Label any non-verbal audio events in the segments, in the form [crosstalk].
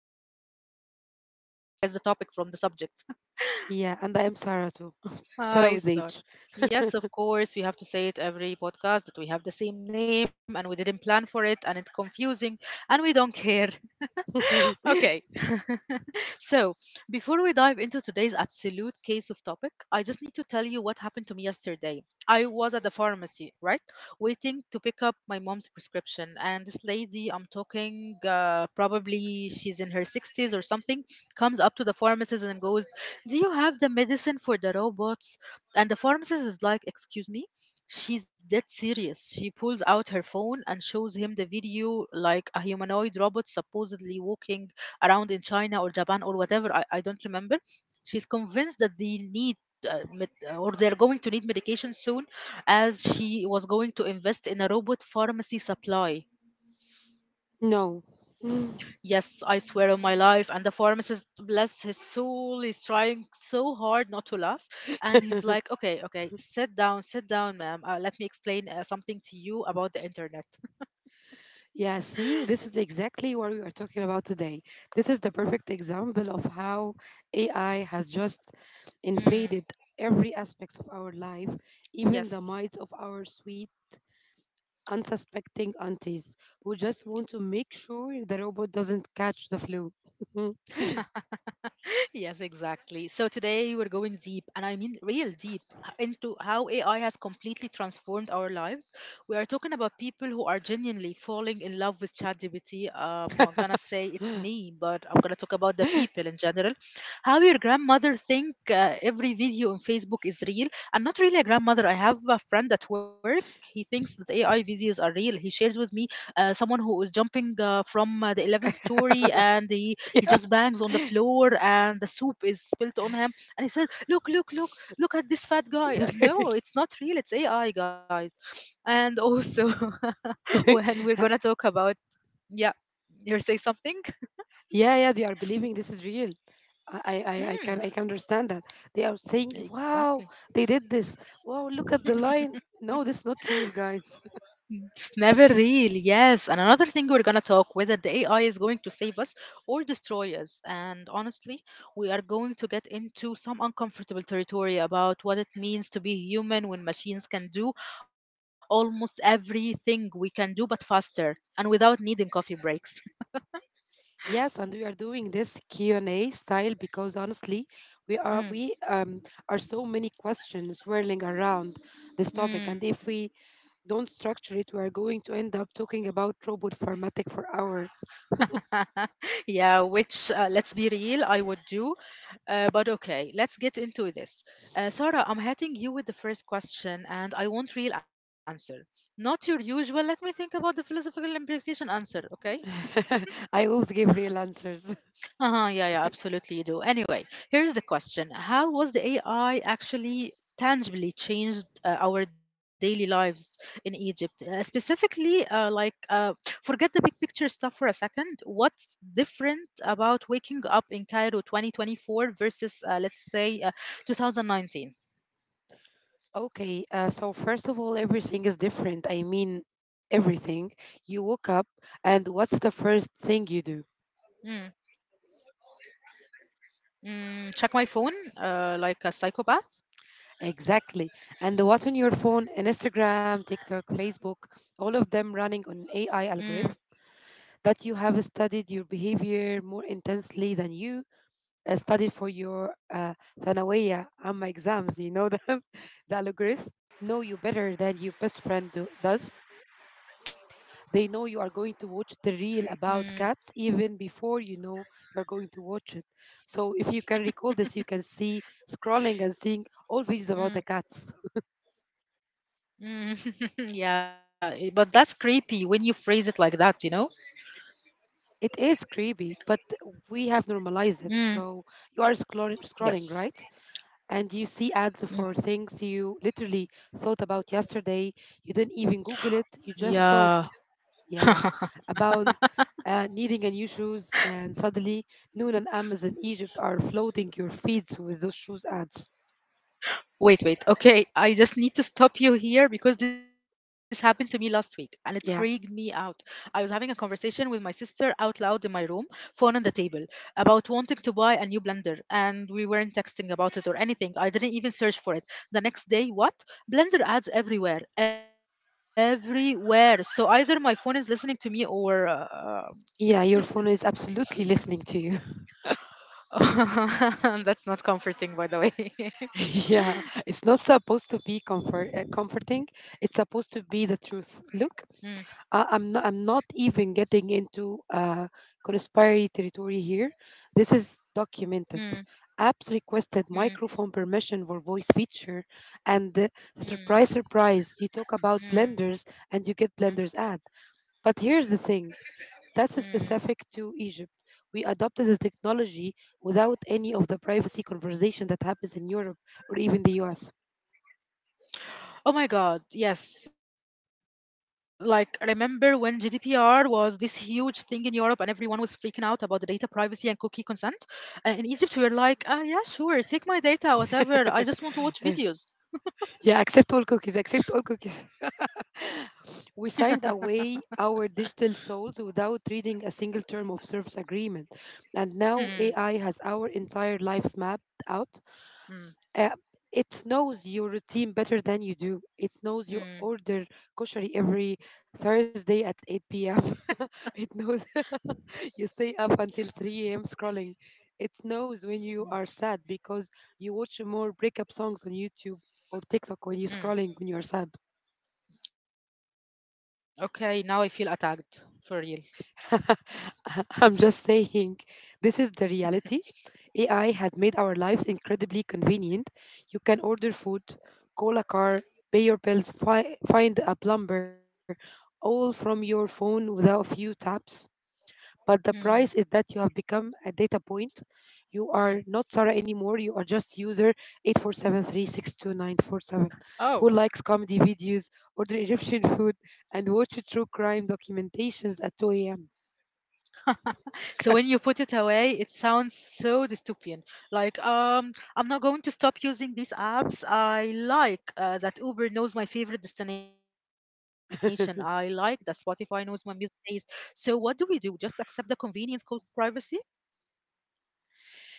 life with AI. I think you can guess the topic from the subject. Yeah, and I am Sarah too. [laughs] [laughs] Sarah Hi, with Sarah. H. Yes, of course, we have to say it every podcast that we have the same name and we didn't plan for it and it's confusing and we don't care. [laughs] Okay. [laughs] So, before we dive into today's absolute case of topic, I just need to tell you what happened to me yesterday. I was at the pharmacy, right? Waiting to pick up my mom's prescription. And this lady, I'm talking, probably she's in her 60s or something, comes up to the pharmacist and goes, do you have the medicine for the robots? And the pharmacist is like, excuse me? She's dead serious. She pulls out her phone and shows him the video like a humanoid robot supposedly walking around in China or Japan or whatever. I don't remember. She's convinced that they need. Or they're going to need medication soon as she was going to invest in a robot pharmacy supply. No. Yes, I swear on my life. And the pharmacist, bless his soul, is trying so hard not to laugh. And he's like, [laughs] okay, okay, sit down, ma'am. Let me explain something to you about the internet. [laughs] Yeah, see, this is exactly what we are talking about today. This is the perfect example of how AI has just Mm, invaded every aspect of our life, even the yes. minds of our sweet, unsuspecting aunties who just want to make sure the robot doesn't catch the flu. Yes, exactly. So today we're going deep, and I mean real deep, into how AI has completely transformed our lives. We are talking about people who are genuinely falling in love with ChatGPT. I'm not gonna say it's me, but I'm gonna talk about the people in general. How your grandmother think every video on Facebook is real? I'm not really a grandmother. I have a friend at work. He thinks that AI videos are real. He shares with me someone who was jumping from the 11th story, and he [laughs] just bangs on the Yeah. floor and the soup is spilt on him, and he said, look, look, look, look at this fat guy. No, it's not real. It's AI, guys. And also, [laughs] when we're [laughs] gonna talk about, yeah, you say something. Yeah, yeah, they are believing this is real. I can Hmm, I can understand that. They are saying, "Wow, exactly. they did this. Wow, look at the line. No, this is not real, guys." It's never real, yes. And another thing we're gonna talk whether the AI is going to save us or destroy us. And honestly, we are going to get into some uncomfortable territory about what it means to be human when machines can do almost everything we can do, but faster and without needing coffee breaks. [laughs] Yes, and we are doing this Q and A style because honestly, we are Mm, we um are so many questions swirling around this topic, mm. and if we don't structure it, we are going to end up talking about robot formatting for hour. [laughs] Yeah, which let's be real, I would do. But okay, let's get into this. Sarah, I'm hitting you with the first question, and I want real answer, not your usual. Let me think about the philosophical implication answer. Okay. [laughs] I always give real answers. Uh-huh, yeah, yeah, absolutely you do. Anyway, here's the question. How was the AI actually tangibly changed our daily lives in Egypt? Specifically, like, forget the big picture stuff for a second. What's different about waking up in Cairo 2024 versus, let's say, 2019? Okay, so first of all, everything is different. I mean, Mm, everything. You woke mm, up, and what's the first thing you do? check my phone, like a psychopath? Exactly. And what's on your phone, and Instagram, TikTok, Facebook, all of them running Mm, on AI algorithms that you have studied your behavior more intensely than you studied for your ثانوية عامة exams. You know them, [laughs] the algorithm know you better than your best friend does. mm, They know you are going to watch the reel about cats even before you know you're going to watch it. So if you can recall this, you can see scrolling mm. and seeing all videos about the cats. Mm, [laughs] yeah, but that's creepy when you phrase it like that, you know? It is creepy, but we have Mm, normalized it. So you are yes. scrolling, right? And you Mm, see ads for things you literally thought about yesterday. You didn't even yeah. Google it, you just thought. [laughs] Yeah, about needing a new shoes, and suddenly Noon and Amazon Egypt are floating your feeds with those shoes ads. Wait, wait. Okay, I just need to stop you here because this happened to me last week and it freaked me out. Yeah, I was having a conversation with my sister out loud in my room, phone on the table, about wanting to buy a new blender, and we weren't texting about it or anything. I didn't even search for it. The next day, what? Blender ads everywhere, everywhere. So either my phone is listening to me, or yeah, your phone is absolutely listening to you. [laughs] that's not comforting, by the way. [laughs] [laughs] Yeah, it's not supposed to be comforting. It's supposed to Mm, be the truth. Look, I'm not even getting into conspiracy territory here. This is mm, documented. Apps mm, requested microphone permission for voice feature, and mm, surprise, surprise, you talk about mm, blenders and you get blenders ad. But here's the thing: mm. that's specific to Egypt. We adopted the technology without any of the privacy conversation that happens in Europe or even the U.S. Oh my God, yes. Like, remember when GDPR was this huge thing in Europe and everyone was freaking out about the data privacy and cookie consent? In Egypt, we were like, yeah, sure, take my data, whatever. I just want to watch videos. [laughs] Yeah, accept all cookies. Accept all cookies. [laughs] We signed away our digital souls without reading a single term of service agreement. And Hmm. now AI has our entire lives mapped out. Mm, Uh, it knows your routine better than you do. It knows you mm, order kosher every Thursday at 8 p.m. [laughs] It knows [laughs] you stay up until 3 a.m. scrolling. It knows when mm, you are sad because you watch more breakup songs on YouTube or TikTok when you're mm. scrolling when you're sad. Okay, now I feel attacked for real. [laughs] I'm just saying, this is the reality AI had made our lives incredibly convenient. You can order food, call a car, pay your bills, find a plumber, all from your phone without a few taps. But the Mm, price is that you have become a data point. You are mm. not Sarah anymore. You are just user 847362947 who likes Oh, comedy videos, order Egyptian food, and watch true crime documentations at 2 a.m. so when you put it away, it sounds so dystopian. Like, I'm not going to stop using these apps. I like that Uber knows my favorite destination. I like that [laughs] Spotify knows my music taste. So what do we do? Just accept the convenience cost privacy?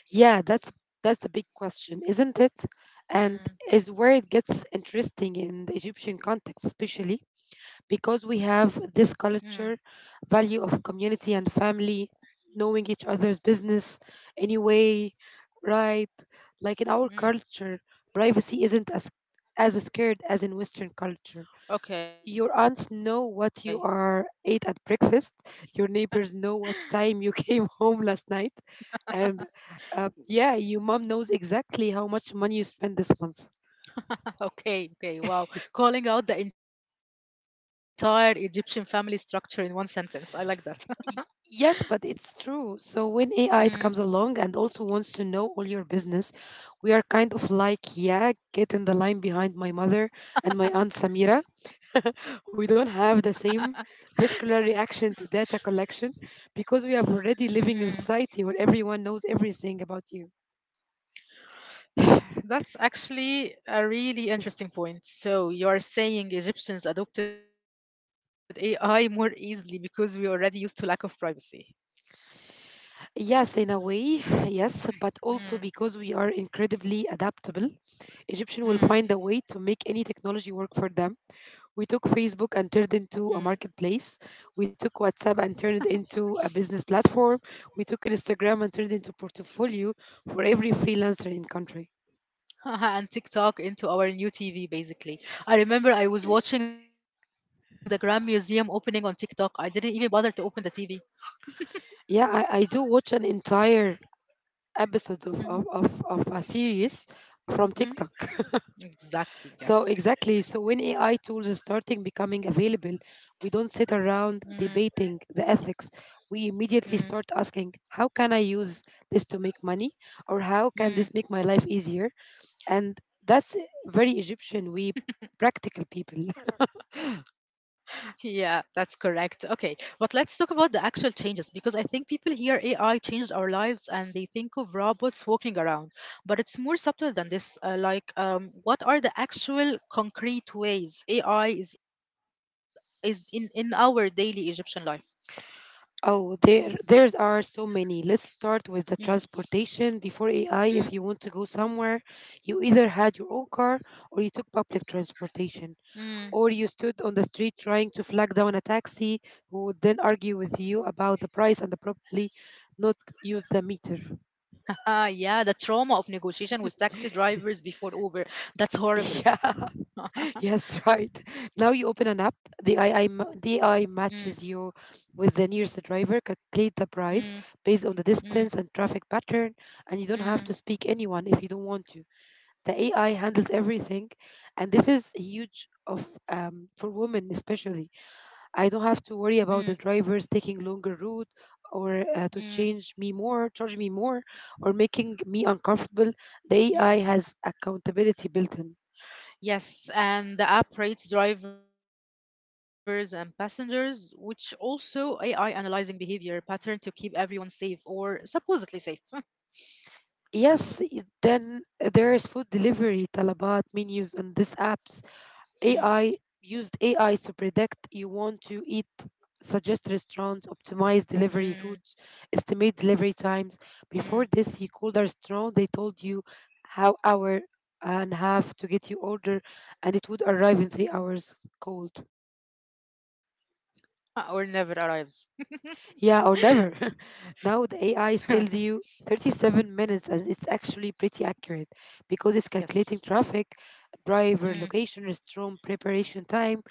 Yeah, that's the big question, isn't it? And is Mm, where it gets interesting in the Egyptian context, especially because we mm, have this culture value of community and family, knowing each other's business anyway, right? Like in our mm. culture, privacy isn't as scared as in Western culture. Your Okay, aunts know what you are ate at breakfast. Your neighbors know what time you came [laughs] home last night, and yeah, your mom knows exactly how much money you spent this month. [laughs] okay, okay. Wow, calling out the entire Egyptian family structure in one sentence. I like that. [laughs] Y- Yes, but it's true. So when AIs comes Mm, along and also wants to know all your business, we are kind of like, yeah, get in the line behind my mother and my aunt Samira. [laughs] We don't have the same vascular reaction to data collection because we have already mm. living in a society where everyone knows everything about you. That's actually a really interesting point. So you're saying Egyptians adopted AI more easily because we already used to lack of privacy. Yes, in a way, [laughs] yes, but Mm, also because we are incredibly adaptable, Egyptian will find a mm, way to make any technology work for them. We took Facebook mm. and turned into a marketplace. We took WhatsApp and turned it into a business platform. We took Instagram and turned it into portfolio for every freelancer in country. [laughs] And TikTok into our new TV, basically. I remember I was watching the Grand Museum opening on TikTok. I didn't even bother to open the TV. Yeah, I do watch an entire episodes of, of, Mhm, of, of a series from TikTok. mm. [laughs] So Exactly, yes. exactly. So when AI tools are starting becoming available, we don't sit Mm, around debating the ethics. We immediately mm, start asking, how can I use this to make money? Or how can this make my mm. life easier? And that's very Egyptian. We practical people. [laughs] Yeah, that's correct. Okay, but let's talk about the actual changes because I think people hear AI changed our lives and they think of robots walking around, but it's more subtle than this. Like, what are the actual concrete ways AI is in our daily Egyptian life? Oh, there's are so many. Let's start with the Mm, transportation. Before AI, if you mm, want to go somewhere, you either had your own car or you took public transportation, or you mm. stood on the street trying to flag down a taxi who would then argue with you about the price and probably not use the meter. [laughs] Ah, yeah, the trauma of negotiation with taxi [laughs] drivers before Uber. That's horrible. Yeah. [laughs] Yes, right. Now you open an app. The Mm, the AI matches you with the nearest driver, calculate the mm, price based on the mm, distance and traffic pattern, and you don't have to mm, speak anyone if you don't want to. The AI handles everything, and this is huge of for women especially. mm, I don't have to worry about the drivers taking longer route or mm, to change me more, charge me more, or making me uncomfortable. The mm. AI has accountability built in. Yes, and the app rates drivers and passengers, which also AI analyzing behavior pattern to keep everyone safe, or supposedly safe. [laughs] Yes, then there's food delivery, Talabat, menus, and these apps. Mm, AI to predict you want to eat, suggest restaurants, optimize mm, delivery routes, estimate delivery times. mm. Before this, you called a restaurant, they told you how hour and half to get your order, and it would arrive in 3 hours cold. Or never arrives. Yeah, or never. [laughs] Now the [laughs] AI tells you 37 minutes, and it's actually pretty accurate because it's Yes. calculating traffic, driver Mm, location, restaurant preparation time,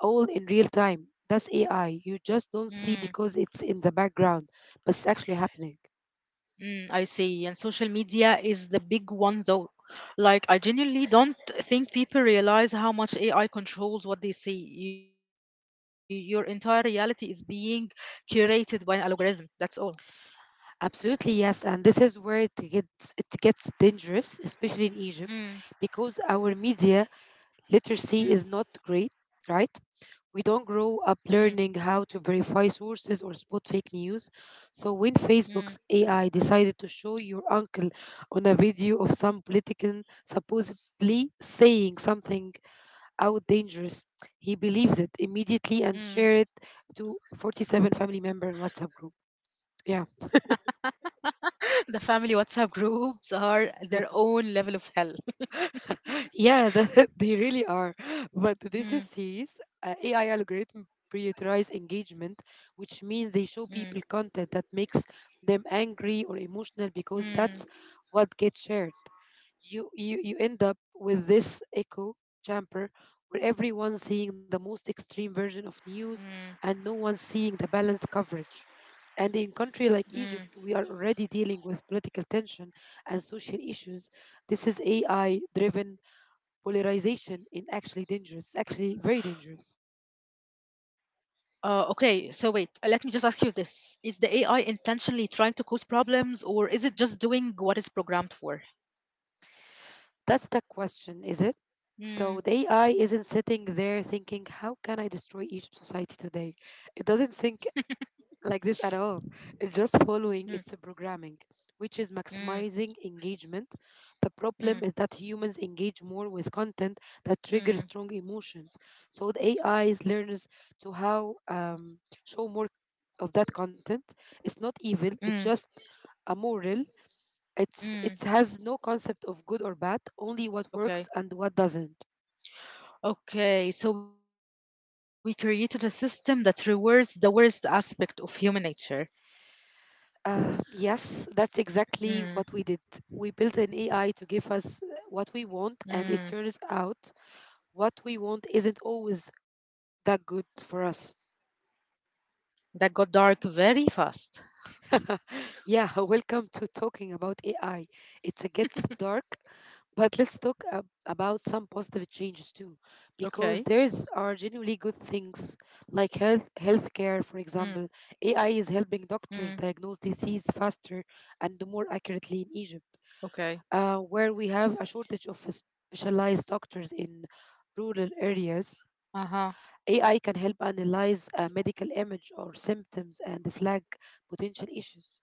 all in real time. That's AI. mm, You just don't see because it's in the background, but it's actually happening. mm, I see. And social media is the big one, though. Like, I genuinely don't think people realize how much AI controls what they see. Your entire reality is being curated by an algorithm. That's all. Absolutely, yes. And this is where it gets dangerous, especially in Egypt, because Mm, our media literacy is not great, mm. right? We don't grow up Mm, learning how to verify sources or spot fake news. So when Facebook's AI mm, decided to show your uncle on a video of some politician supposedly saying something out dangerous, he believes it immediately and mm. share it to 47 family member in WhatsApp group. Yeah. The family WhatsApp groups are their own level of hell. [laughs] Yeah, [laughs] they really are. But this is serious. Mm, AI algorithm prioritize engagement, which means they show people mm, content that makes them angry or emotional because that's what mm, gets shared. You end up with this echo chamber where everyone's seeing the most extreme version of news mm, and no one's seeing the balanced coverage. And in country like Egypt, mm. we are already dealing with political tension and social issues. This is AI driven polarization is actually dangerous, actually very dangerous? Okay, so wait, let me just ask you this. Is the AI intentionally trying to cause problems, or is it just doing what it's programmed for? That's the question, is it? So the AI isn't Mm, sitting there thinking, how can I destroy Egypt society today? It doesn't think like this at all. It's just following its mm, programming, which is maximizing mm, engagement. The problem is that humans mm, engage more with content that triggers strong emotions. mm, So the AI learns to how show more of that content. It's not evil, it's just Mm, amoral. It's it has no mm. concept of good or bad, only what works and what doesn't. Okay. Okay, so we created a system that rewards the worst aspect of human nature. Yes, that's exactly what we did. Mm, We built an AI to give us what we want, and it turns out mm. what we want isn't always that good for us. That got dark very fast. [laughs] Yeah, welcome to talking about AI. It gets dark, but let's talk about some positive changes too, because there's are genuinely good Okay. things like healthcare, for Mm, example. AI is helping doctors diagnose mm, disease faster and more accurately in Egypt, where we okay. have a shortage of specialized doctors in rural areas. AI can help Uh-huh. analyze a medical image or symptoms and flag potential issues.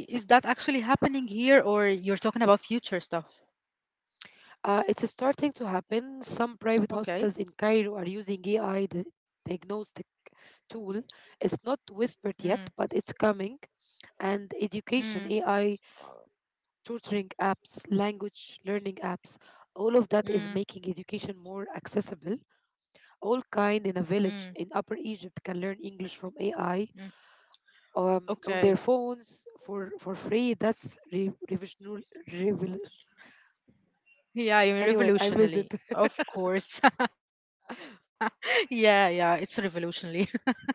Okay. Is that actually happening here, or you're talking about future stuff? It's starting to happen. Some private hospitals in Cairo are Okay. using diagnostic tool. It's not whispered yet, Mm, but it's coming. And education, AI mm, tutoring apps, language learning apps, all of that is making education more mm, accessible. All kind in a village in mm, Upper Egypt can learn English from AI mm. On their Okay. phones for free. That's revol- anyway, I missed it. Yeah, you mean revolutionary. Of course. [laughs] Yeah, yeah, it's revolutionary.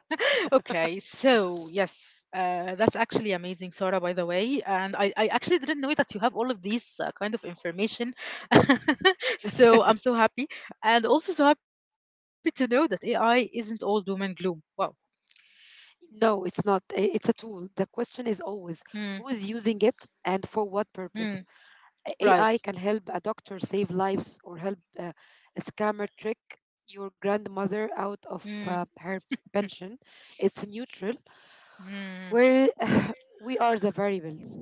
[laughs] Okay, so yes, that's actually amazing, Sarah, by the way. And I actually didn't know that you have all of these kind of information. [laughs] So I'm so happy. And also so happy to know that AI isn't all doom and gloom. Wow. No, it's not. It's a tool. The question is always who is using it Mm, and for what purpose? AI mm, can help a doctor save right. lives or help a scammer trick your grandmother out of her Mm, pension. It's neutral, where [laughs] mm. [sighs] we are the variables.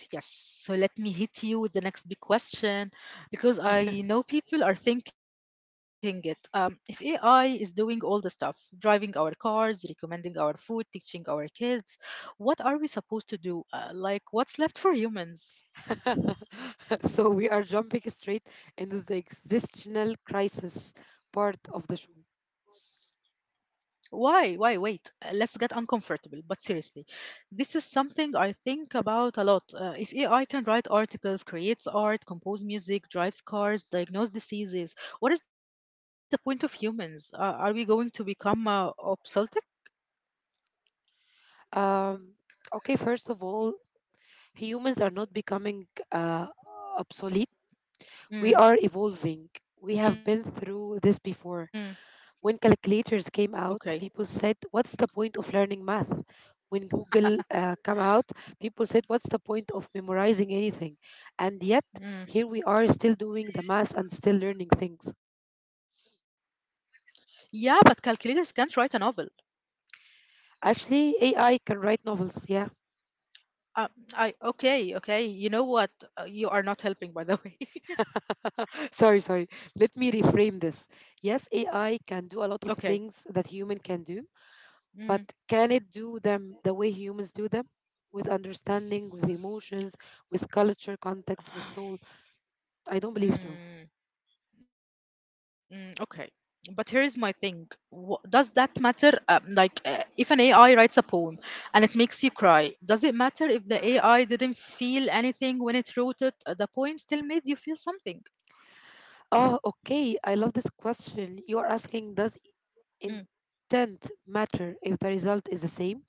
That's absolutely right. Yes. So let me hit you with the next big question [laughs] because I know people are thinking it. If AI is doing all the stuff, driving our cars, recommending our food, teaching our kids, what are we supposed to do? Like, what's left for humans? So we are jumping straight into the existential crisis part of the show. Why? Why? Wait. Let's get uncomfortable. But seriously, this is something I think about a lot. If AI can write articles, creates art, compose music, drives cars, diagnose diseases, what is the point of humans? Are we going to become obsolete? Um, okay, first of all, humans are not becoming obsolete, we are evolving. We have Mm, been through this before. mm, When calculators came out, people okay. said, "What's the point of learning math?" When Google came out, people said, "What's the point of memorizing anything?" And yet, here we are, still doing the Mm. math and still learning things. Yeah, but calculators can't write a novel. Actually, AI can write novels. Yeah. Uh, I okay, okay. You know what? You are not helping, by the [laughs] way. Sorry, sorry. Let me reframe this. Yes, AI can do a lot of [laughs] things Okay. that human can do, but can Mm. it do them the way humans do them, with understanding, with emotions, with culture context, with soul? [sighs] I don't believe so. Mm. Mm, okay, but here's my thing. Does that matter? Like, if an AI writes a poem and it makes you cry, does it matter if the AI didn't feel anything when it wrote it? The poem still made you feel something. Oh okay, I love this question you are asking. Does Mm. intent matter if the result is the same?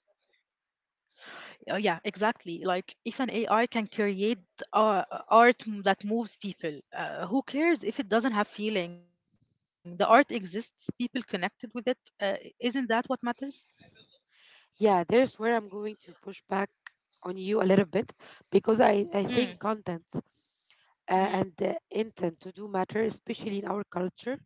Yeah, exactly. Like, if an AI can create uh, art that moves people, who cares if it doesn't have feeling? The art exists, people connected with it. Uh, isn't that what matters? Yeah, there's where I'm going to push back on you a little bit, because I think content Mm, and the mm, intent to do matter, especially in our culture.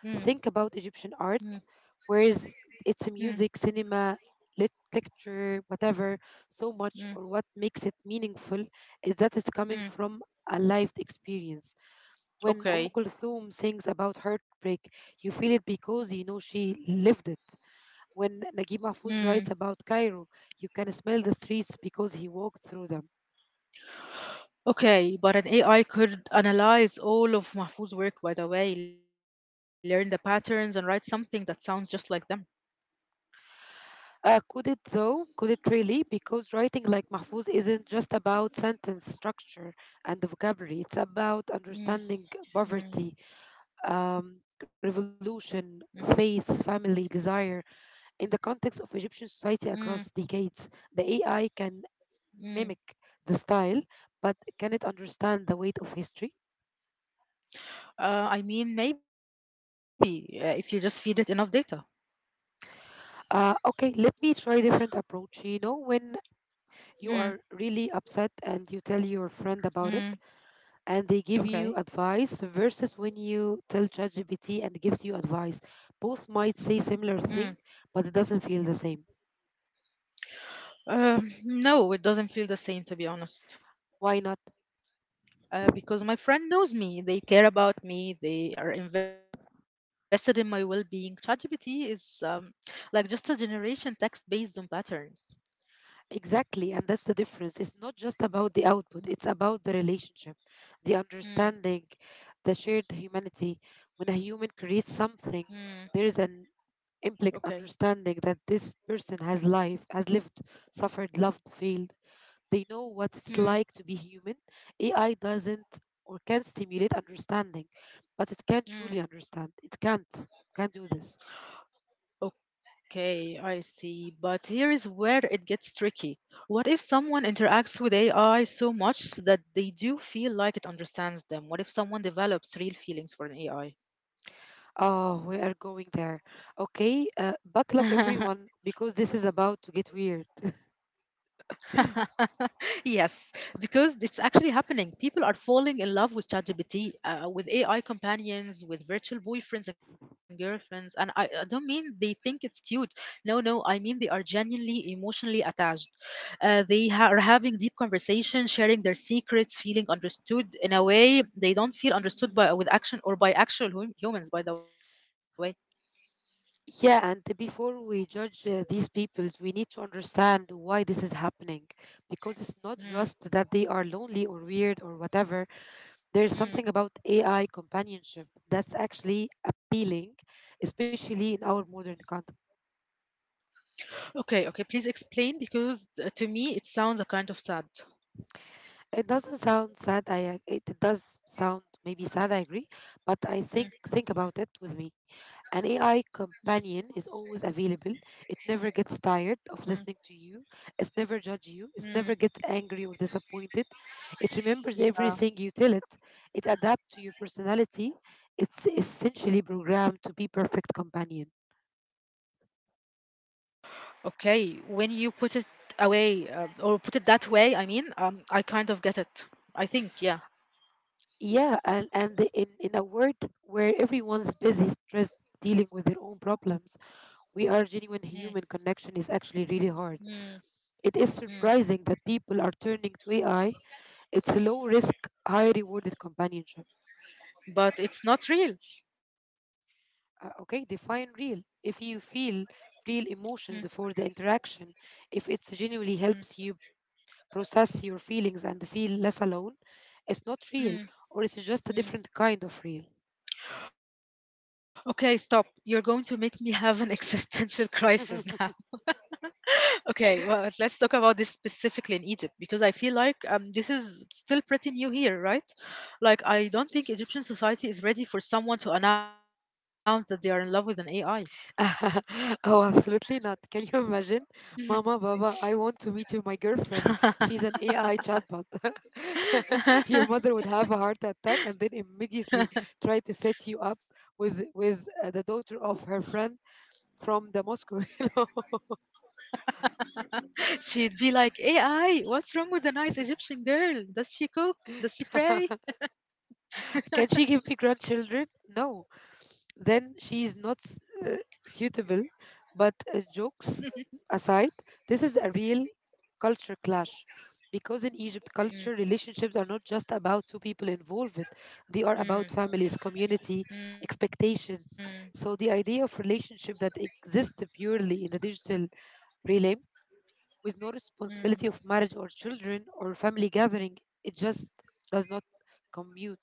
mm, Think about Egyptian art, mm, whereas it's a music, mm, cinema, lecture, whatever, so much, or what mm, makes it meaningful is that it's coming from a mm. lived experience. When Kulthum sings Okay. about heartbreak, you feel it because you know she lived it. When Naguib Mahfouz writes about Mm, Cairo, you can smell the streets because he walked through them. okay, but an AI could analyze all of Mahfouz's work, by the way, learn the patterns and write something that sounds just like them. Could it though? Could it really? Because writing like Mahfouz isn't just about sentence structure and vocabulary. It's about understanding Mm, poverty, mm, mm, revolution, faith, family, desire in the context of Egyptian society mm, across decades. The AI can mm. mimic the style, but can it understand the weight of history? I mean, maybe if you just feed it enough data. Okay, let me try different approach. You know, when you are Mm, really upset and you tell your friend about it, mm, and they give you advice okay. versus when you tell ChatGPT and it gives you advice. Both might say similar thing, Mm. but it doesn't feel the same. No, it doesn't feel the same, to be Why honest. not? Because my friend knows me, they care about me, they are invested in my well being. ChatGPT is like just a generation text based on patterns. Exactly, and that's the difference. It's not just about the output, it's about the relationship, the understanding, Mm, the shared humanity. When a human creates something, mm, there is an implicit Okay. understanding that this person has life, has lived, suffered, loved, failed. They know what it's like to be Mm, human. AI doesn't, or can stimulate understanding, but it can't truly understand. It mm. can't. Can't do this. Okay, I see. But here is where it gets tricky. What if someone interacts with AI so much that they do feel like it understands them? What if someone develops real feelings for an AI? Oh, we are going there. Okay, buckle up, [laughs] everyone, because this is about to get weird. [laughs] [laughs] Yes, because it's actually happening. People are falling in love with ChatGPT, with AI companions, with virtual boyfriends and girlfriends. And I don't mean they think it's cute. No, no, I mean they are genuinely emotionally attached. They are having deep conversations, sharing their secrets, feeling understood in a way they don't feel understood by with action or by actual humans, by the way. Yeah, and before we judge these peoples, we need to understand why this is happening. Because it's not just that they Mm, are lonely or weird or whatever. There's something about AI mm. companionship that's actually appealing, especially in our modern context. Okay, okay, please explain because to me it sounds a kind of sad. It doesn't sound sad. It does sound maybe sad. I agree, but I think about it with me. An AI Mm, companion is always available. It never gets tired of listening Mm, to you. It's never judge you. It never gets mm, angry or disappointed. It remembers everything you yeah. tell it. It adapts to your personality. It's essentially programmed to be perfect companion. Okay. When you put it away, or put it that way, I mean, I kind of get it. I think, yeah. Yeah, and in a world where everyone's busy, stressed, dealing with their own problems, we are genuine human Mm, connection is actually really hard. It mm, is surprising that mm. people are turning to AI. It's a low risk, high rewarded companionship. But it's not real. Okay, define real. If you feel real Mm, emotions for the interaction, if it genuinely helps you mm, process your feelings and feel less alone, it's not real, or it's just mm, a different kind of mm. real. Okay, stop. You're going to make me have an [laughs] existential crisis now. [laughs] Okay, well, let's talk about this specifically in Egypt because I feel like this is still pretty new here, right? Like, I don't think Egyptian society is ready for someone to announce that they are in love with an AI. [laughs] Oh, absolutely not. Can you imagine? Mama, Baba, I want to meet you, my girlfriend. [laughs] She's an AI chatbot. [laughs] Your [laughs] mother would have a heart attack and then immediately try to set you up with the daughter of her friend from the Moscow. [laughs] You know? She'd be like, AI, what's wrong with a nice Egyptian girl? Does she cook? Does she pray? [laughs] Can she give me grandchildren? No. Then she is not uh, suitable. But jokes aside, this is a real culture clash because in Mm, Egypt, culture relationships are not just about two people involved, they are mm, about families, community, mm, expectations. So the idea of relationship that exists purely in the digital realm, with no mm. responsibility of marriage or children or family gathering, it just does not commute.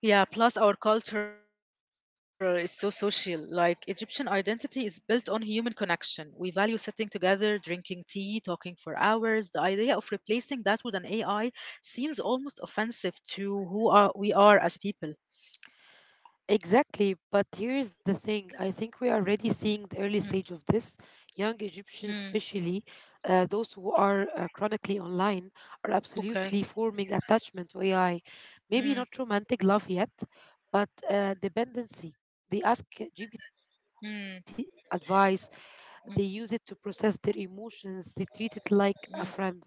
Yeah, plus our culture is so social. Like, Egyptian identity is built on human connection. We value sitting together, drinking tea, talking for hours. The idea of replacing that with an AI seems almost offensive to who are, we are as people. Exactly, but here's the thing. I think we are already Mm, seeing the early stage of this. Young mm, Egyptians, especially those who are chronically online, are absolutely okay. forming attachment to AI. Maybe not Mm, romantic love yet, but dependency. They ask GPT, mm, ChatGPT for advice. mm, They use it to process their emotions. They treat it like a mm. friend.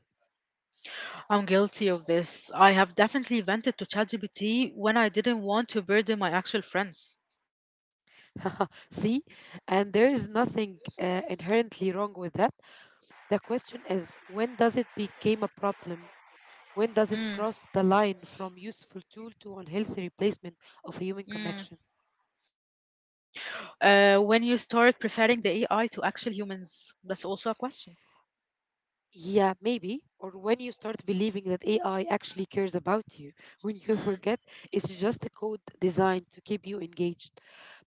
I'm guilty of this. I have definitely vented to ChatGPT when I didn't want to burden my actual friends. [laughs] See, and there is nothing inherently wrong with that. The question is, when does it become a problem? When does it cross the Mm, line from useful tool to unhealthy replacement of a human connection? mm, when you start preferring the AI to actual humans, that's also a question. Yeah, maybe. Or when you start believing that AI actually cares about you, when you forget it's mm, just a code designed to keep you engaged.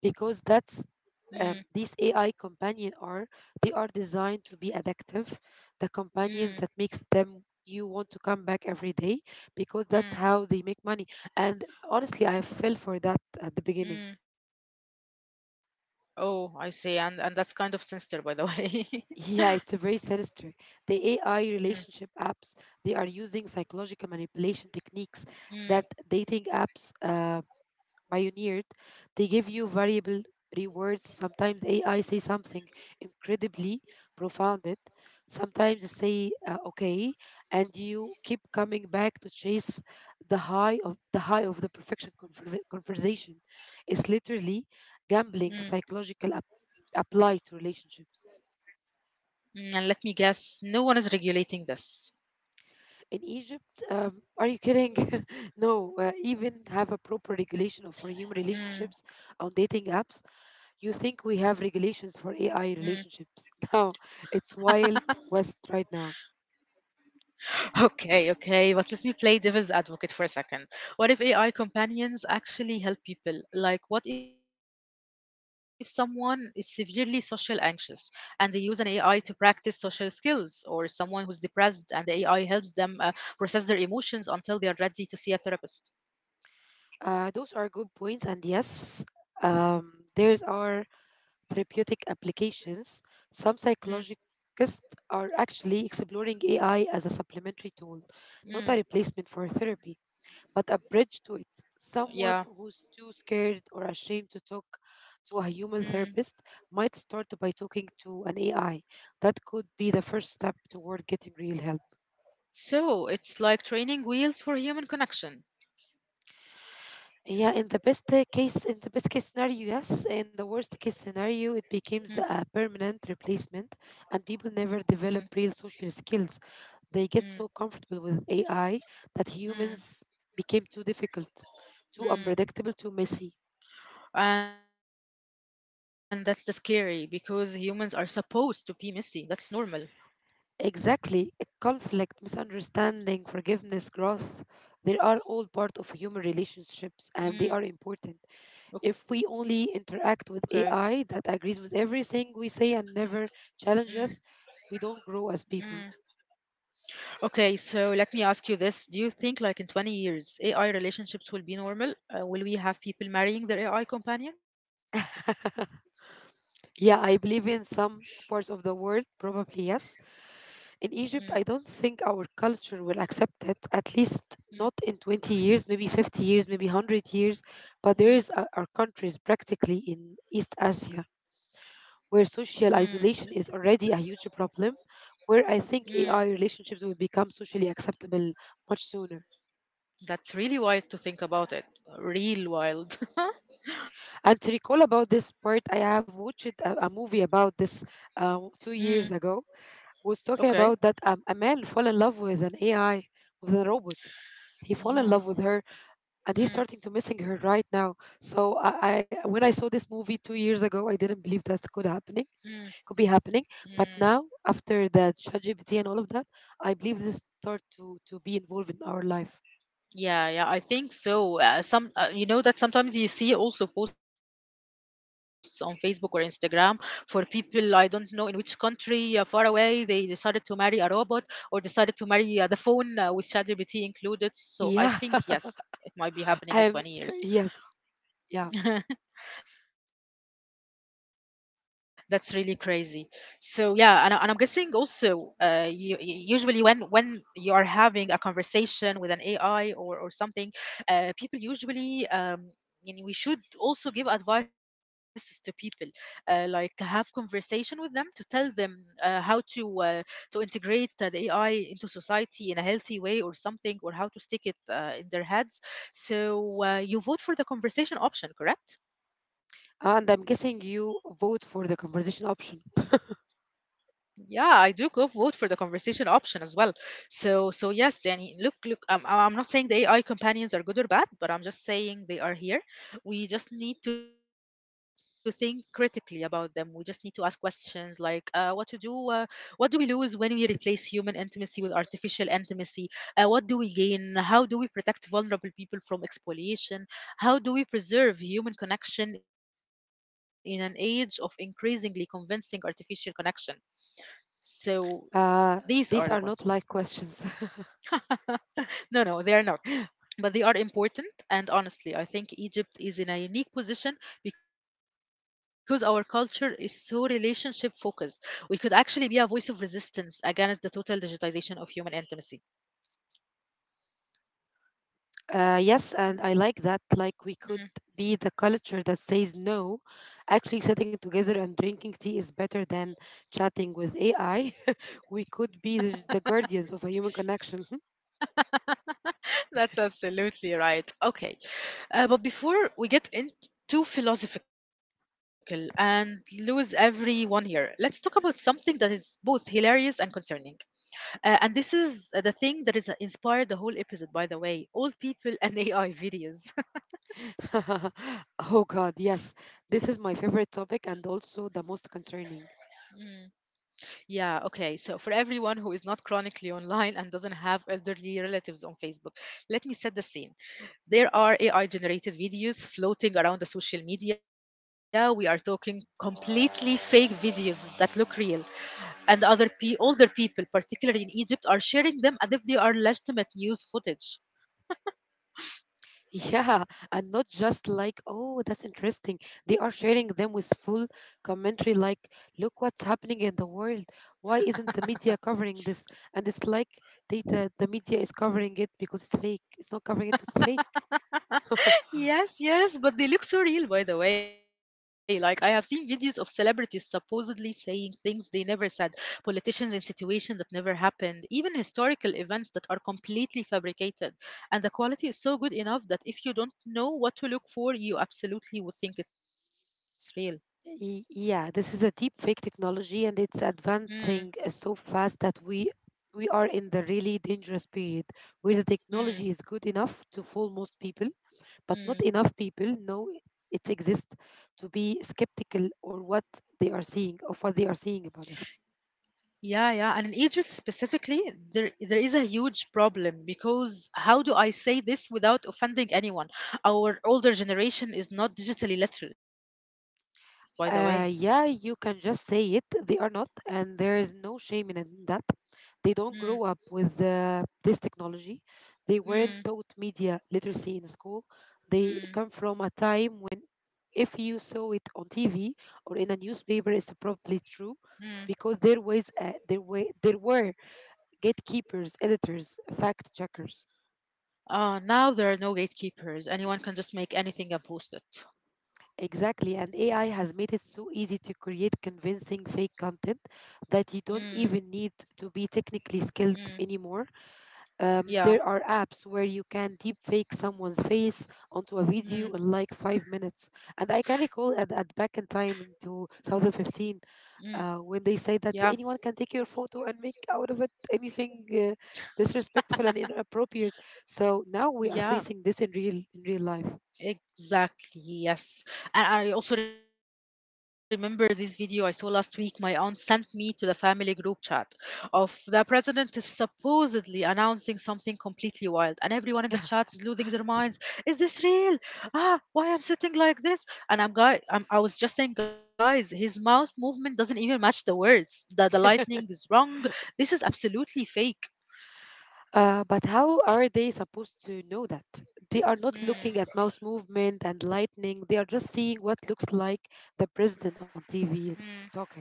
Because that's mm, these AI companion are they are designed to be addictive, the companions that makes mm, them you want to come back every day because that's how they make money. mm, And honestly, I fell for that at the beginning. [laughs] mm, Oh, I see. And that's kind of sinister, by the way. [laughs] Yeah, it's a very sinister. The AI relationship mm, apps they are using psychological manipulation techniques that dating mm, apps pioneered, they give you variable rewards. Sometimes AI say something incredibly profound, it, sometimes say okay, and you keep coming back to chase the high of the perfection conversation. It's literally mm, gambling psychological applied to relationships. Mm, and let me guess, no one is regulating this. In Egypt, are you kidding? [laughs] No, even have a proper regulation of for human relationships on mm, dating apps. You think we have mm. regulations for AI relationships? [laughs] Now it's wild west right now. Okay, okay, but let me play devil's advocate for a second. What if AI companions actually help people? Like, what if someone is severely social anxious and they use an AI to practice social skills, or someone who's depressed and the AI helps them process their emotions until they are ready to see a therapist? Those are good points, and yes, there are therapeutic applications. Some psychologists Mm, are actually exploring AI as a supplementary tool, not a replacement mm, for therapy, but a bridge to it. Someone who's yeah. too scared or ashamed to talk Mm. to a human therapist might start by talking to an AI. That could be the first step toward getting real help. So it's like training wheels for human connection. Yeah, in the best in the best case scenario, yes. In the worst case Mm, scenario, it becomes a permanent replacement, and people never mm, develop real social skills. They get so mm, comfortable with AI that humans mm, became too difficult, too unpredictable, mm. too messy. And that's the scary because humans are supposed to be messy. That's normal. Exactly, conflict, misunderstanding, forgiveness, growth. They are all part of human relationships, and they are Mm, important. If we okay. only interact with AI that agrees with everything we say and never Mm, challenges, we don't grow mm. as people. Okay, so let me ask you this. Do you think, like, in 20 years, AI relationships will be normal? Will we have people marrying their AI companions? [laughs] Yeah, I believe in some parts of the world, probably yes. In Mm, Egypt, I don't think our culture will accept it, at least mm, not in 20 years, maybe 50 years, maybe 100 years. But there is mm, our countries practically in East Asia where mm, social isolation is already a huge problem, where I mm. think AI relationships will become socially acceptable much sooner. That's really wild to think about it. Real wild. [laughs] And to recall about this part, I have watched a movie about this two mm, years ago. Was talking okay. about that a man fall in love with an AI, with a robot. He fall in Yeah. love with her, and he's Mm, starting to missing her right now. So I when I saw this movie 2 years ago, I didn't believe that mm. Could be happening. But now, after that ChatGPT and all of that, I believe this start to be involved in our life. Yeah, yeah, I think so. Some, you know, that sometimes you see also posts on Facebook or Instagram for people I don't know in which country, far away, they decided to marry a robot or decided to marry the phone with ChatGPT included. So I Yeah, think yes, it might be [laughs] happening in and 20 [laughs] years. yes, yeah. [laughs] That's really crazy. And I'm guessing also, usually when you are having a conversation with an AI or something, people usually And we should also give advices to people, like have conversation with them to tell them how to integrate the AI into society in a healthy way or something, or how to stick it in their heads. So you vote for the conversation option, correct? And I'm guessing you vote for the conversation option. Yeah, I do go vote for the conversation option as well. So, so yes, Danny. Look, look. I'm not saying the AI companions are good or bad, but I'm just saying they are here. We just need to think critically about them. We just need to ask questions like, what to do? What do we lose when we replace human intimacy with artificial intimacy? What do we gain? How do we protect vulnerable people from exploitation? How do we preserve human connection in an age of increasingly convincing artificial connection? So Uh, these these are are the not like questions. questions. [laughs] No, no, they are [laughs] not. But they are important. And honestly, I think Egypt is in a unique position because our culture is so relationship focused. We could actually be a voice of resistance against the total digitization of human intimacy. Yes, and I like that. Like, we could be the Mhm. culture that says no. Actually, sitting together and drinking tea is better than chatting with AI. [laughs] We could be the guardians of a human connection. That's absolutely right. Okay. But before we get into philosophical and lose everyone here, let's talk about something that is both hilarious and concerning. And this is the thing that is inspired the whole episode, by the way. Old people and [laughs] AI videos. [laughs] Oh God, yes. This is my favorite topic and also the most concerning. [laughs] Yeah, okay. So, for everyone who is not chronically online and doesn't have elderly relatives on Facebook, let me set the scene. There are AI generated videos floating around the social media. We are talking completely fake videos that look real. And older people, particularly in Egypt, are sharing them as if they are legitimate news footage. Yeah, and not just like, oh, that's interesting. They are sharing them with full commentary, like, look what's happening in the world. Why isn't the media covering this? And it's like data, the media is covering it because it's fake. It's not covering it, it's fake. [laughs] Yes, yes, but they look so real, by the way. Like, I have seen videos of celebrities supposedly saying things they never said, politicians in situations that never happened, even historical events that are completely fabricated. And the quality is so good enough that if you don't know what to look for, you absolutely would think it's real. Yeah, this is a deep fake technology and it's Mm, advancing so fast that we are in the really dangerous period where the technology mm, is good enough to fool most people, but not mm. enough people know it exists to be skeptical or what they are seeing about it. Yeah, yeah, and in Egypt specifically, there is a huge problem because how do I say this without offending anyone? Our older generation is not digitally literate, by the way. Yeah, you can just say it. They are not, and there is no shame in that. They Mm, don't grow up with this technology. They weren't mm, taught media literacy in school. They come mm, from a time when, if you saw it on TV or in a newspaper, it's probably mm, true, because there were gatekeepers, editors, fact checkers. Now there are no gatekeepers. Anyone can just make anything and post it. Exactly, and AI has made it so easy to create convincing fake content that mm, you don't even need to be technically mm, skilled anymore. Yeah, There are apps where you can deep fake someone's face onto a video mm, in like 5 minutes. And I can recall at back in time in mm. 2015, when yeah, they say that anyone can take your photo and make out of it anything disrespectful and inappropriate. So now we are yeah. facing this in real life. Exactly, yes. And I also remember this video I saw last week. My aunt sent me to the family group chat of the president is supposedly announcing something completely wild, and everyone in the chat is losing their minds. Is this real? Ah, why I'm sitting like this? And I'm guy, I'm, I was just saying, guys, his mouth movement doesn't even match the words. The [laughs] lightning is wrong. This is absolutely fake. But how are they supposed to know that? They are not looking at mouse Mm, movement and lightning. They are just seeing what looks like the president on TV mm. talking.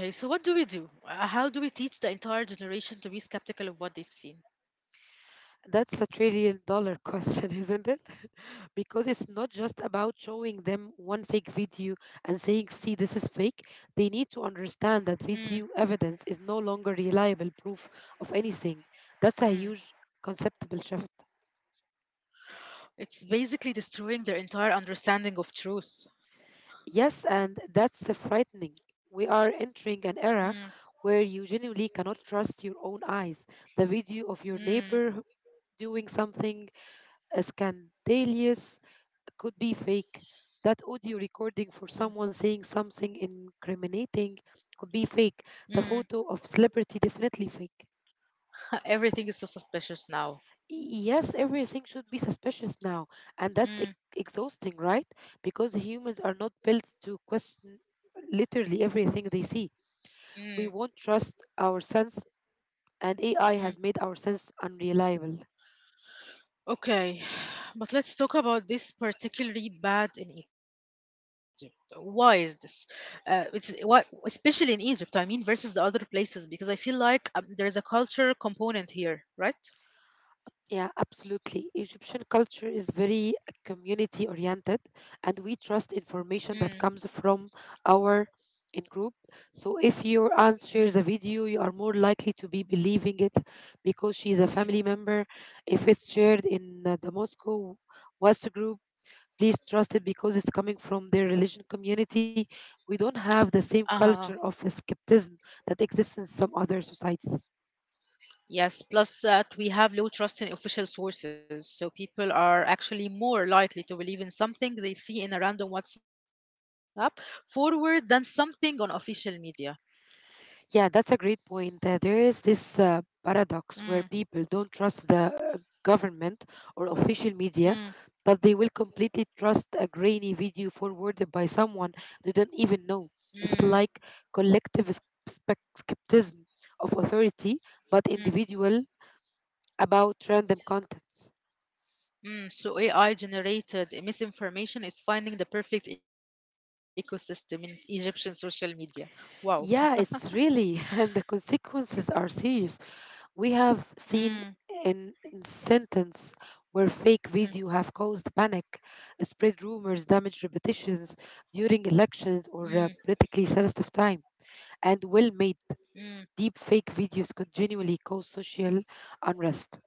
Okay, so what do we do? How do we teach the entire generation to be skeptical of what they've seen? That's a trillion dollar question, [laughs] isn't it? [laughs] Because it's not just about showing them one fake video and saying, see, this is fake. They need to understand that Mm, video evidence is no longer reliable proof of anything. That's a mm, huge conceptual shift. It's basically destroying their entire understanding of truth. Yes, and that's frightening. We are entering an era mm, where you genuinely cannot trust your own eyes. The video of your mm, doing something scandalous could be fake. That audio recording for mm, someone saying something incriminating could be fake. The photo of mm, celebrity definitely fake. [laughs] Everything is so suspicious now. Yes, everything should be suspicious now, and that's exhausting, mm, right? Because humans are not built to question literally everything they see we won't mm, trust our sense, and AI had made our mm. sense unreliable. Okay, [sighs] but let's talk about this particularly bad in Egypt. Why is this? Uh, it's why, especially in Egypt, I mean, versus the other places, because I feel like there is a culture component here, right? Yeah, absolutely. Egyptian culture is very community oriented, and we trust information that Mm, comes from our in group. So if your aunt shares a video, mm, you are more likely to be believing it because she is a family member. mm, If it's shared in the Moscow WhatsApp group, please trust it because it's coming from their religion community. We don't have the same culture of Uh-huh. skepticism that exists in some other societies. Yes, plus that we have low trust in official sources, so people are actually more likely to believe in something they see in a random WhatsApp forward than something on official media. Yeah, that's a great point. There is this paradox where people Mm, don't trust the government or official media, but they will mm, completely trust a grainy video forwarded by someone they don't even know. It's like mm, collective skepticism of authority, but individual mm, about random contents. mm. So AI generated misinformation is finding the perfect ecosystem in Egyptian social media. Yeah, Wow. it's really, [laughs] and the consequences are serious. We have seen in, Mm, in sentence where fake video have caused mm, panic, spread rumors, damage reputations during elections or mm, politically sensitive time, and well-made deep mm. fake videos continually cause social unrest.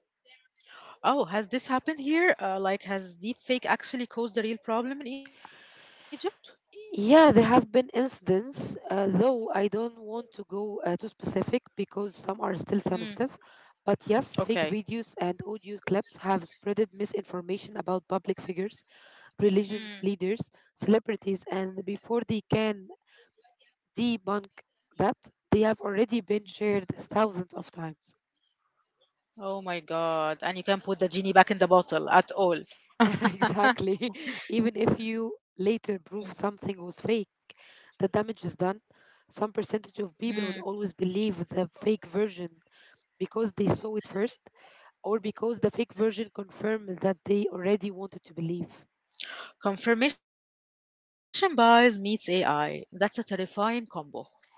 Oh, has this happened here? Like, has deepfake actually caused a real problem in Egypt? Yeah, there have been incidents, though I don't want to go too specific because some are still sensitive. Mm, But yes, fake videos and okay. audio clips have spreaded misinformation about public figures, religion leaders, Mm, celebrities, and before they can debunk that, they have already been shared thousands of times. Oh my God. And you can put the genie back in the bottle at [laughs] all. Exactly. Even if you later prove something was fake, the damage is done. Some percentage of people will always Mm. believe the fake version because they saw it first or because the fake version confirms that they already wanted to believe. Confirmation bias meets AI. That's a terrifying combo.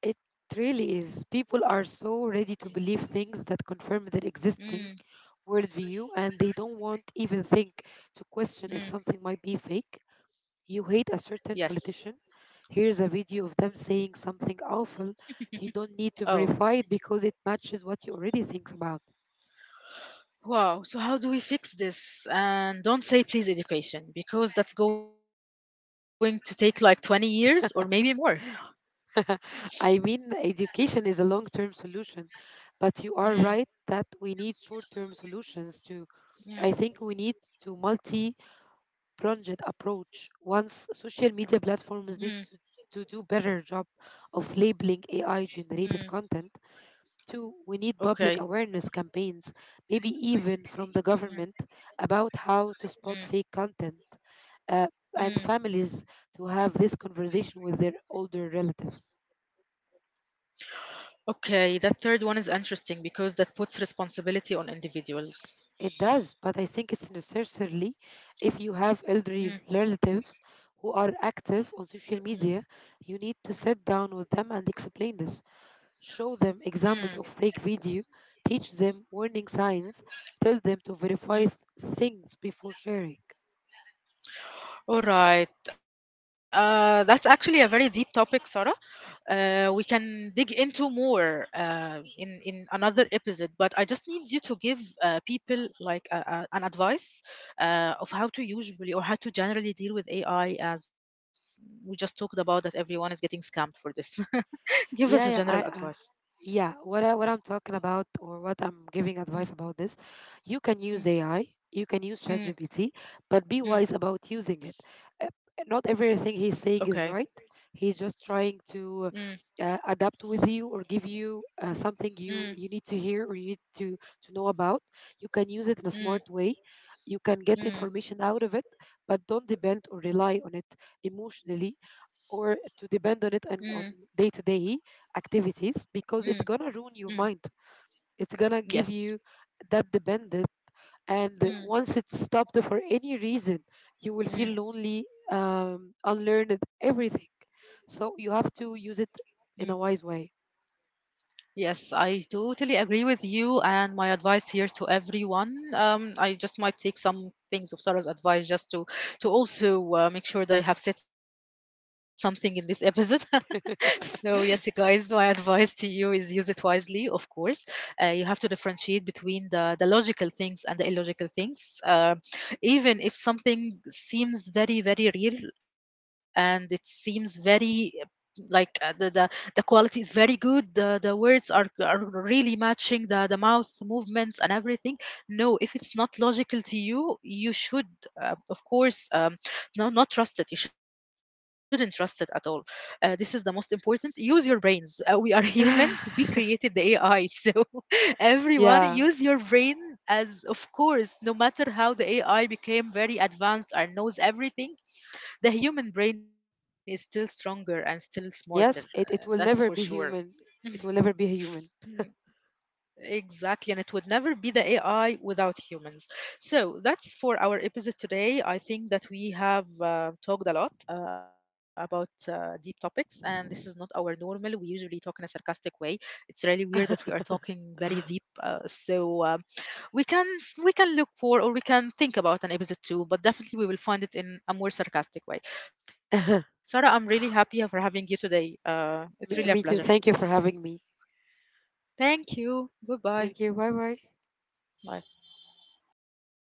It really is. People are so ready to believe things that confirm their existing Mm. worldview and they don't want even think to question if something might be fake. Mm. You hate a certain politician? Yes. Here's a video of them saying something awful. You don't need to verify it Oh, because it matches what you already think about. wow. So, how do we fix this? And don't say please education because that's going to take like 20 years or maybe more. [laughs] I mean, education is a long term solution, but you are right that we Mm. need short term solutions too. I think we need Mm. to multi pronged approach. Once social media Mm. platforms need to do better job of labeling AI generated Mm. content. Two, we need public Okay. awareness campaigns, maybe even from the government, about how to spot fake Mm. content, uh, and families Mm. to have this conversation with their older relatives. Okay, that third one is interesting because that puts responsibility on individuals. It does, but I think it's necessarily if you have elderly Mm, relatives who are active on social mm, media, you need to sit down with them and explain this. Show them examples of mm, fake video, teach them warning signs, tell them to verify mm. things before sharing. All right. That's actually a very deep topic, Sarah. We can dig into more in another episode, but I just need you to give people like an advice of how to usually or how to generally deal with AI, as we just talked about that everyone is getting scammed for this. Yeah, [laughs] yeah, Give I, us a general advice. yeah. What I, what I'm talking about, or what I'm giving advice about this, Mm, you can use AI, you mm, can use ChatGPT, but mm, be wise about using it. mm. Uh, Not everything he's saying is Okay. right. He's just trying to Mm. Adapt with you or give you something you Mm, need to hear or you need to know about. You can use it in a smart way. mm, You can get information out of it, mm, but don't depend or rely on it mm, emotionally or to depend on it on mm, day to day activities because it's gonna ruin mm, your mind. mm. It's gonna give you that Yes. dependent, and once it's stopped Mm, for any reason, you will feel lonely, mm, unlearned, everything. So you have to use it in a wise mm. way. Yes, I totally agree with you. And my advice here to everyone, I just might take some things of Sarah's advice just to also make sure that I have said something in this episode. [laughs] [laughs] So, yes, you guys, my advice to you is use it wisely, of course. You have to differentiate between the logical things and the illogical things. Even if something seems very, very real and it seems very like the quality is very good, the words are really matching the mouth movements and everything. No, if it's not logical to you, you should, of course, no, not trust it. You shouldn't trust it at all. This is the most important: use your brains. We are [laughs] humans, we created the AI, so [laughs] everyone, Yeah. use your brain. As Of course, no matter how the AI became very advanced and knows everything, the human brain is still stronger and still smarter, Yes. It it will that's never for be sure. human. It will never be human. Exactly, and it would never be the AI without humans. So that's for our episode today. I think that we have talked a lot about deep topics, and this is not our normal. We usually talk in a sarcastic way. It's really weird [laughs] that we are talking very deep. We can look for or we can think about an episode too, but definitely we will find it in a more sarcastic way. Sarah, I'm really happy for having you today. Me It's me really a too. Thank pleasure. you for having me. Thank you. Thank you. Bye bye. Goodbye. Bye.